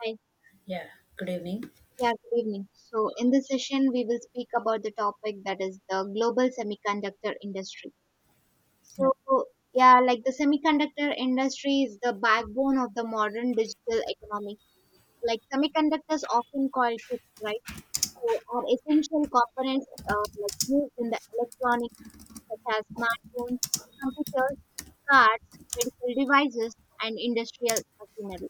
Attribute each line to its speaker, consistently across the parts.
Speaker 1: Hi.
Speaker 2: Yeah, good evening.
Speaker 1: Yeah, good evening. So, in this session, we will speak about the topic that is the global semiconductor industry.
Speaker 2: Yeah.
Speaker 1: So, yeah, the semiconductor industry is the backbone of the modern digital economy. Like semiconductors, often called chips, right? So, are essential components like used in the electronics such as smartphones, computers, cars, medical devices, and industrial machinery.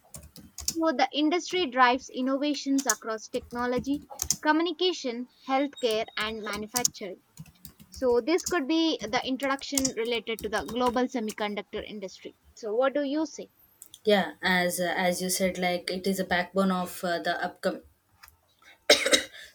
Speaker 1: So the industry drives innovations across technology, communication, healthcare, and manufacturing. So this could be the introduction related to the global semiconductor industry. So what do you say?
Speaker 2: Yeah, as you said, like it is a backbone of the upcoming.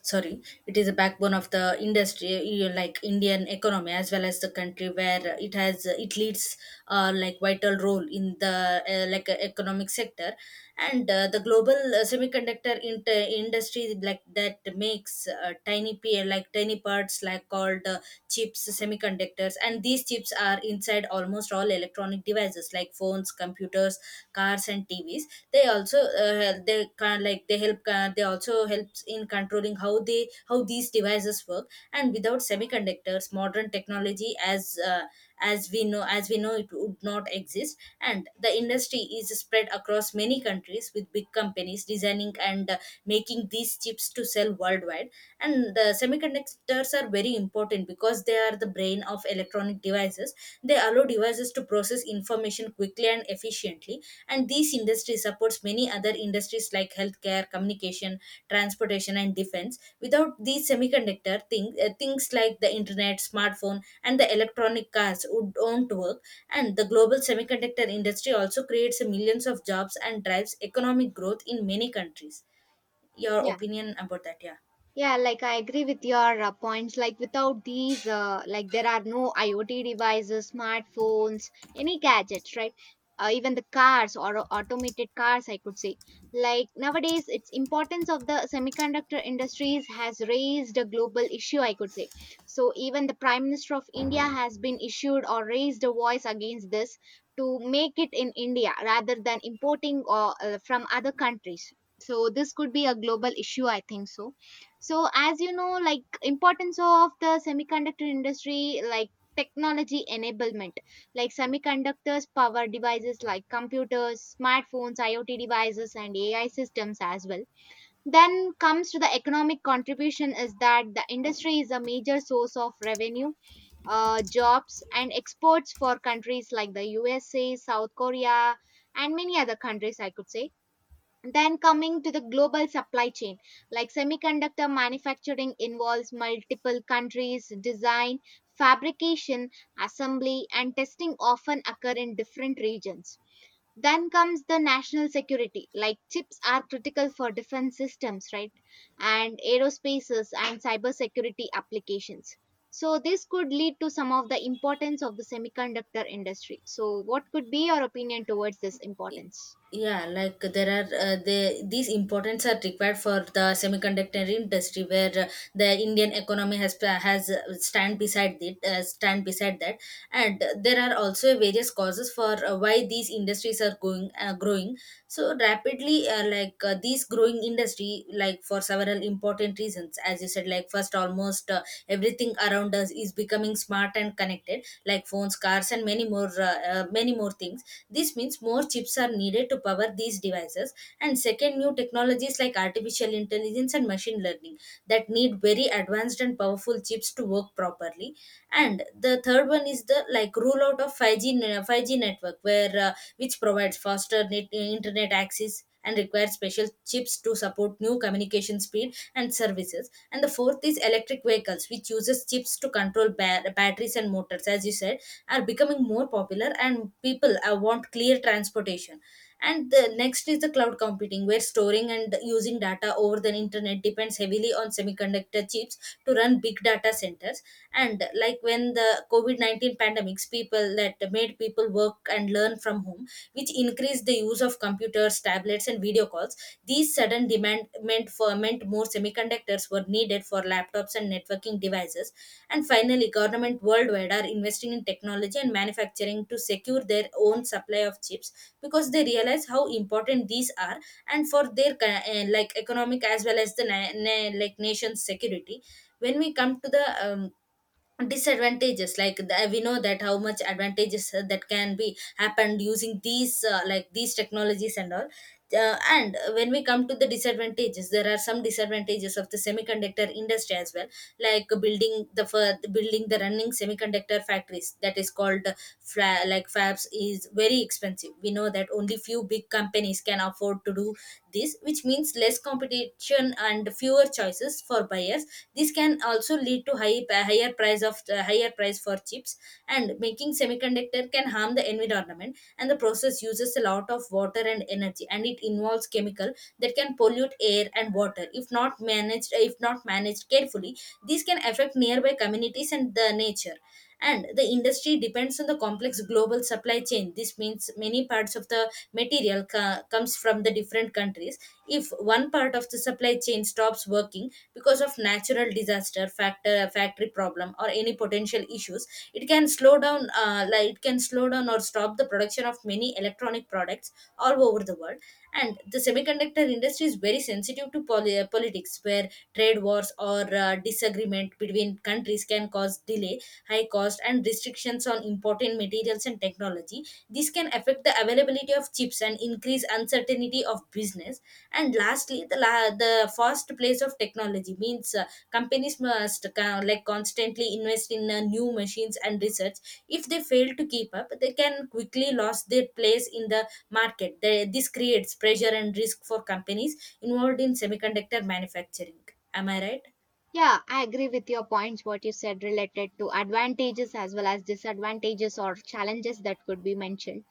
Speaker 2: Sorry, it is a backbone of the industry, you like Indian economy as well as the country where it leads like vital role in the economic sector and the global industry like that makes tiny p like tiny parts like called chips semiconductors, and these chips are inside almost all electronic devices like phones, computers, cars and TVs. They also they can like they help they also helps in controlling how they how these devices work, and without semiconductors modern technology as as we know it would not exist. And the industry is spread across many countries with big companies designing and making these chips to sell worldwide. And the semiconductors are very important because they are the brain of electronic devices. They allow devices to process information quickly and efficiently, and this industry supports many other industries like healthcare, communication, transportation and defense. Without these semiconductor things like the internet, smartphone and the electronic cars would don't work. And the global semiconductor industry also creates millions of jobs and drives economic growth in many countries. Your
Speaker 1: Yeah.
Speaker 2: opinion about that, yeah?
Speaker 1: Yeah, like I agree with your points. Like without these, like there are no IoT devices, smartphones, any gadgets, right? Even the cars or automated cars, I could say. Like nowadays, its importance of the semiconductor industries has raised a global issue, I could say. So even the Prime Minister of India has been issued or raised a voice against this to make it in India rather than importing or from other countries. So this could be a global issue, I think so. So as you know, like importance of the semiconductor industry, like technology enablement, like semiconductors power devices like computers, smartphones, IoT devices, and AI systems as well. Then comes to the economic contribution, is that the industry is a major source of revenue, jobs, and exports for countries like the USA, South Korea, and many other countries, I could say. Then coming to the global supply chain, like semiconductor manufacturing involves multiple countries, design, fabrication, assembly, and testing often occur in different regions. Then comes the national security, like chips are critical for defense systems, right? And aerospaces and cybersecurity applications. So this could lead to some of the importance of the semiconductor industry. So what could be your opinion towards this importance?
Speaker 2: Yeah, like there are these importance are required for the semiconductor industry where the Indian economy has stand beside it stand beside that. And there are also various causes for why these industries are going growing so rapidly. These growing industry like for several important reasons, as you said, like first, almost everything around us is becoming smart and connected like phones, cars and many more, many more things. This means more chips are needed to power these devices. And second, new technologies like artificial intelligence and machine learning, that need very advanced and powerful chips to work properly. And the third one is the like rollout of 5G network where which provides faster internet access and requires special chips to support new communication speed and services. And the fourth is electric vehicles, which uses chips to control batteries and motors. As you said, are becoming more popular and people want clear transportation. And the next is the cloud computing, where storing and using data over the internet depends heavily on semiconductor chips to run big data centers. And like when the covid-19 pandemics, people that made people work and learn from home, which increased the use of computers, tablets and video calls. These sudden demand meant for meant more semiconductors were needed for laptops and networking devices. And finally, government worldwide are investing in technology and manufacturing to secure their own supply of chips, because they realize how important these are, and for their like economic as well as the like nation's security. When we come to the disadvantages, like we know that how much advantages that can be happened using these like these technologies and all. And when we come to the disadvantages, there are some disadvantages of the semiconductor industry as well. Like building the running semiconductor factories, that is called like fabs, is very expensive. We know that only few big companies can afford to do this, which means less competition and fewer choices for buyers. This can also lead to higher price of higher price for or chips. And making semiconductor can harm the environment, and the process uses a lot of water and energy, and it involves chemical that can pollute air and water if not managed carefully. These can affect nearby communities and the nature. And the industry depends on the complex global supply chain. This means many parts of the material comes from the different countries. If one part of if the supply chain stops working because of natural disaster, factory problem or any potential issues, it can slow down it can slow down or stop the production of many electronic products all over the world. And the semiconductor industry is very sensitive to politics, where trade wars or disagreement between countries can cause delay, high cost and restrictions on important materials and technology. This can affect the availability of chips and increase uncertainty of business. And lastly, the first place of technology means companies must like constantly invest in new machines and research. If they fail to keep up, they can quickly lose their place in the market. This creates pressure and risk for companies involved in semiconductor manufacturing. Am I right?
Speaker 1: Yeah, I agree with your points, what you said related to advantages as well as disadvantages or challenges that could be mentioned.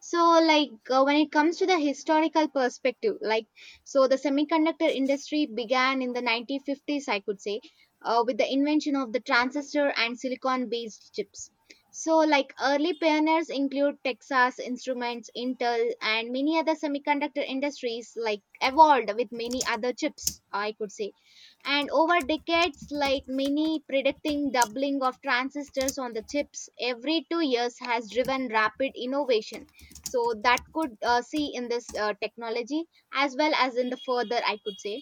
Speaker 1: So, like when it comes to the historical perspective, like so the semiconductor industry began in the 1950s, I could say, with the invention of the transistor and silicon based chips. So, like early pioneers include Texas Instruments, Intel, and many other semiconductor industries, like evolved with many other chips, I could say. And over decades, like many predicting doubling of transistors on the chips every 2 years has driven rapid innovation, so that could see in this technology as well as in the further, I could say.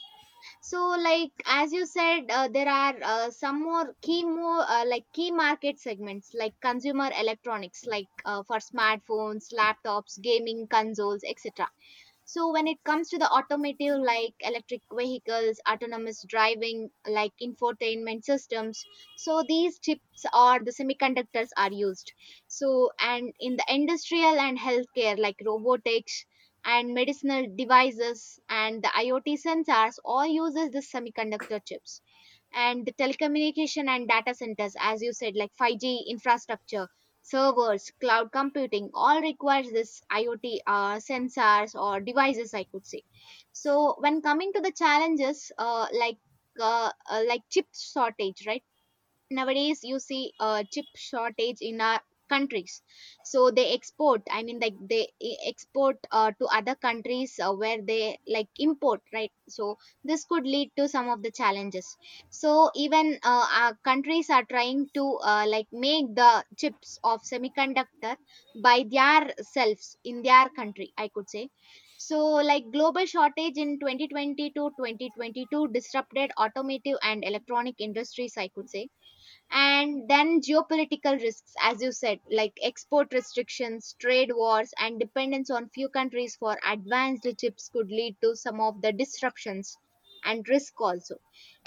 Speaker 1: So like as you said, there are some more key more like key market segments like consumer electronics, like for smartphones, laptops, gaming consoles, etc. So when it comes to the automotive, like electric vehicles, autonomous driving, like infotainment systems, so these chips or the semiconductors are used. So and in the industrial and healthcare, like robotics and medicinal devices and the IoT sensors all uses the semiconductor chips. And the telecommunication and data centers, as you said, like 5G infrastructure, servers, cloud computing, all requires this IoT sensors or devices, I could say. So when coming to the challenges, like chip shortage, right? Nowadays you see a chip shortage in our countries, so they export, I mean, like they export to other countries where they like import, right? So this could lead to some of the challenges. So even our countries are trying to like make the chips of semiconductor by their selves in their country, I could say. So like global shortage in 2020 to 2022 disrupted automotive and electronic industries, I could say. And then geopolitical risks, as you said, like export restrictions, trade wars, and dependence on few countries for advanced chips could lead to some of the disruptions and risk also.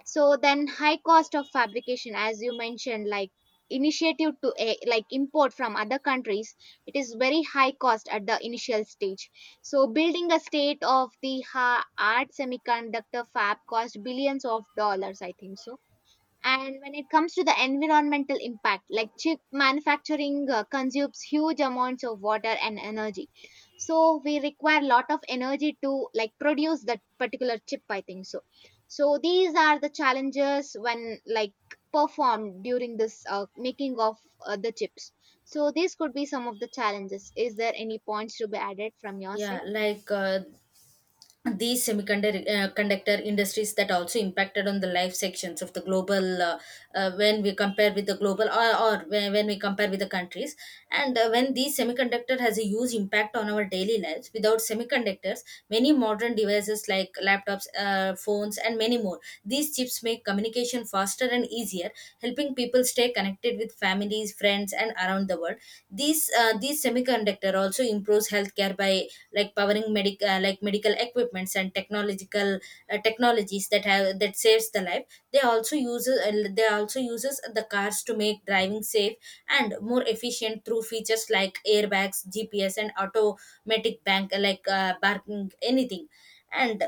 Speaker 1: So then high cost of fabrication, as you mentioned, like initiative to like import from other countries, it is very high cost at the initial stage. So building a state of the art semiconductor fab cost billions of dollars, I think so. And when it comes to the environmental impact, like chip manufacturing consumes huge amounts of water and energy. So we require a lot of energy to like produce that particular chip, I think so. So these are the challenges when like performed during this making of the chips. So these could be some of the challenges. Is there any points to be added from your
Speaker 2: Yeah,
Speaker 1: side?
Speaker 2: like these semiconductor industries that also impacted on the life sections of the global, when we compare with the global, or when we compare with the countries. And when these semiconductor has a huge impact on our daily lives, without semiconductors many modern devices like laptops, phones and many more, these chips make communication faster and easier, helping people stay connected with families, friends and around the world. These these semiconductor also improves healthcare by like powering medic like medical equipments and technological technologies that have that saves the life. They also uses the cars to make driving safe and more efficient through features like airbags, GPS and automatic bank like parking, anything. And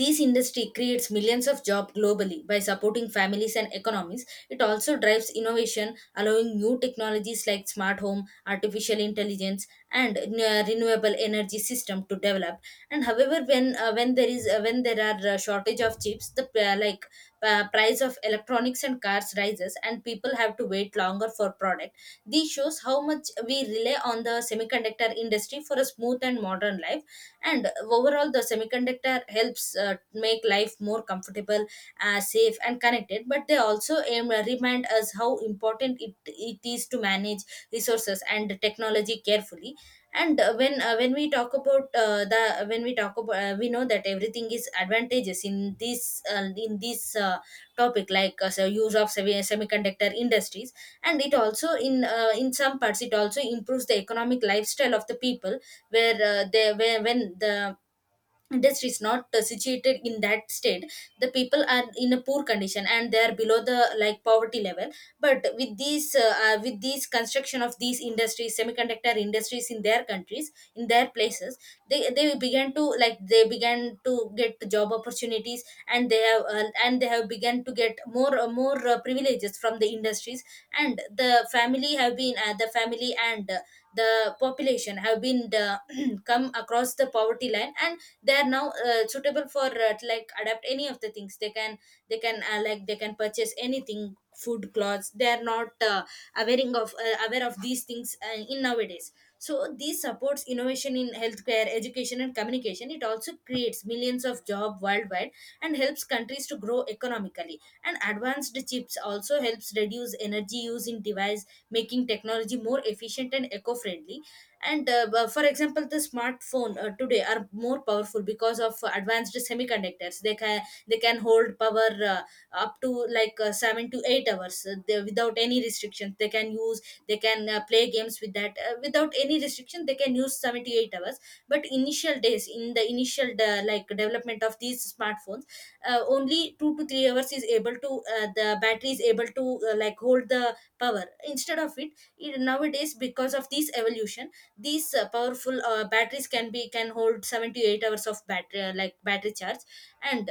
Speaker 2: this industry creates millions of jobs globally by supporting families and economies. It also drives innovation, allowing new technologies like smart home, artificial intelligence, and renewable energy system to develop. And however, when there is when there are shortage of chips, the price of electronics and cars rises, and people have to wait longer for product. This shows how much we rely on the semiconductor industry for a smooth and modern life. And overall, the semiconductor helps make life more comfortable, safe and connected, but they also remind us how important it is to manage resources and technology carefully. And when we talk about the when we talk about, we know that everything is advantages in this, topic, like, so use of semiconductor industries. And it also in some parts it also improves the economic lifestyle of the people, where when the industry is not situated in that state, the people are in a poor condition and they are below the like poverty level. But with these, with these construction of these industries, semiconductor industries in their countries in their places, they began to get job opportunities. And they have began to get more privileges from the industries. And the family and the population have been, come across the poverty line, and they are now suitable for like adapt any of the things they can. They can they can purchase anything, food, clothes. They are not aware of these things in nowadays. So this supports innovation in healthcare, education and communication. It also creates millions of job worldwide and helps countries to grow economically. And advanced chips also helps reduce energy use in device, making technology more efficient and eco-friendly. And for example, the smartphone today are more powerful because of advanced semiconductors. They can hold power up to like 7 to 8 hours. Without any restrictions they can use. They can play games with that without any restriction. They can use 7 to 8 hours. But initial days, in the initial like development of these smartphones, only 2 to 3 hours is able to the battery is able to like hold the power. Instead of it nowadays, because of this evolution, these powerful batteries can hold 78 hours of battery, battery charge. And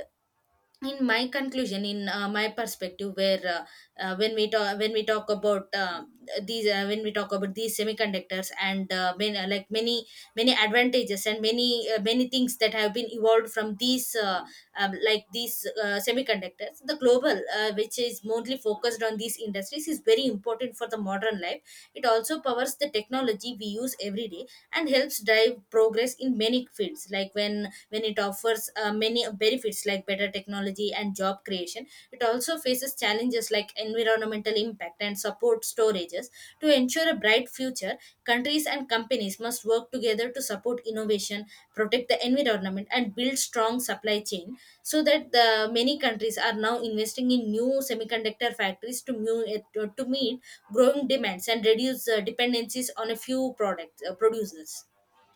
Speaker 2: in my conclusion, in my perspective where, when we talk about, these when we talk about these semiconductors, and like many advantages and many things that have been evolved from these, semiconductors, the global, which is mostly focused on these industries, is very important for the modern life. It also powers the technology we use every day and helps drive progress in many fields. Like when it offers many benefits like better technology and job creation, it also faces challenges like environmental impact and support storages. To ensure a bright future, countries and companies must work together to support innovation, protect the environment and build strong supply chain. So that the many countries are now investing in new semiconductor factories to to meet growing demands and reduce dependencies on a few product producers.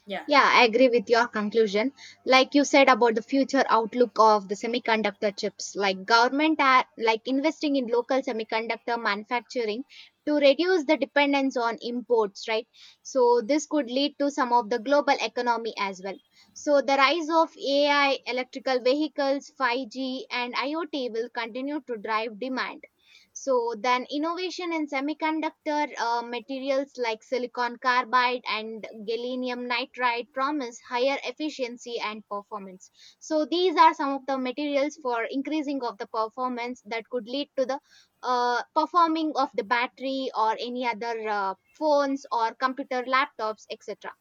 Speaker 2: Yeah.
Speaker 1: Yeah, I agree with your conclusion. Like you said about the future outlook of the semiconductor chips, like government are like investing in local semiconductor manufacturing to reduce the dependence on imports, right? So this could lead to some of the global economy as well. So the rise of AI, electrical vehicles, 5G and IoT will continue to drive demand. So then innovation in semiconductor materials like silicon carbide and gallium nitride promise higher efficiency and performance. So these are some of the materials for increasing of the performance that could lead to the performing of the battery or any other phones or computer laptops, etc.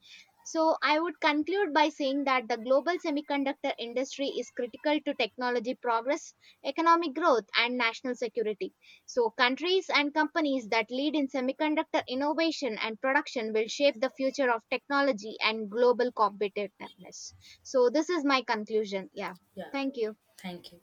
Speaker 1: So I would conclude by saying that the global semiconductor industry is critical to technology progress, economic growth and national security. So, countries and companies that lead in semiconductor innovation and production will shape the future of technology and global competitiveness. So, this is my conclusion. Yeah.
Speaker 2: Yeah,
Speaker 1: Thank you.
Speaker 2: thank you.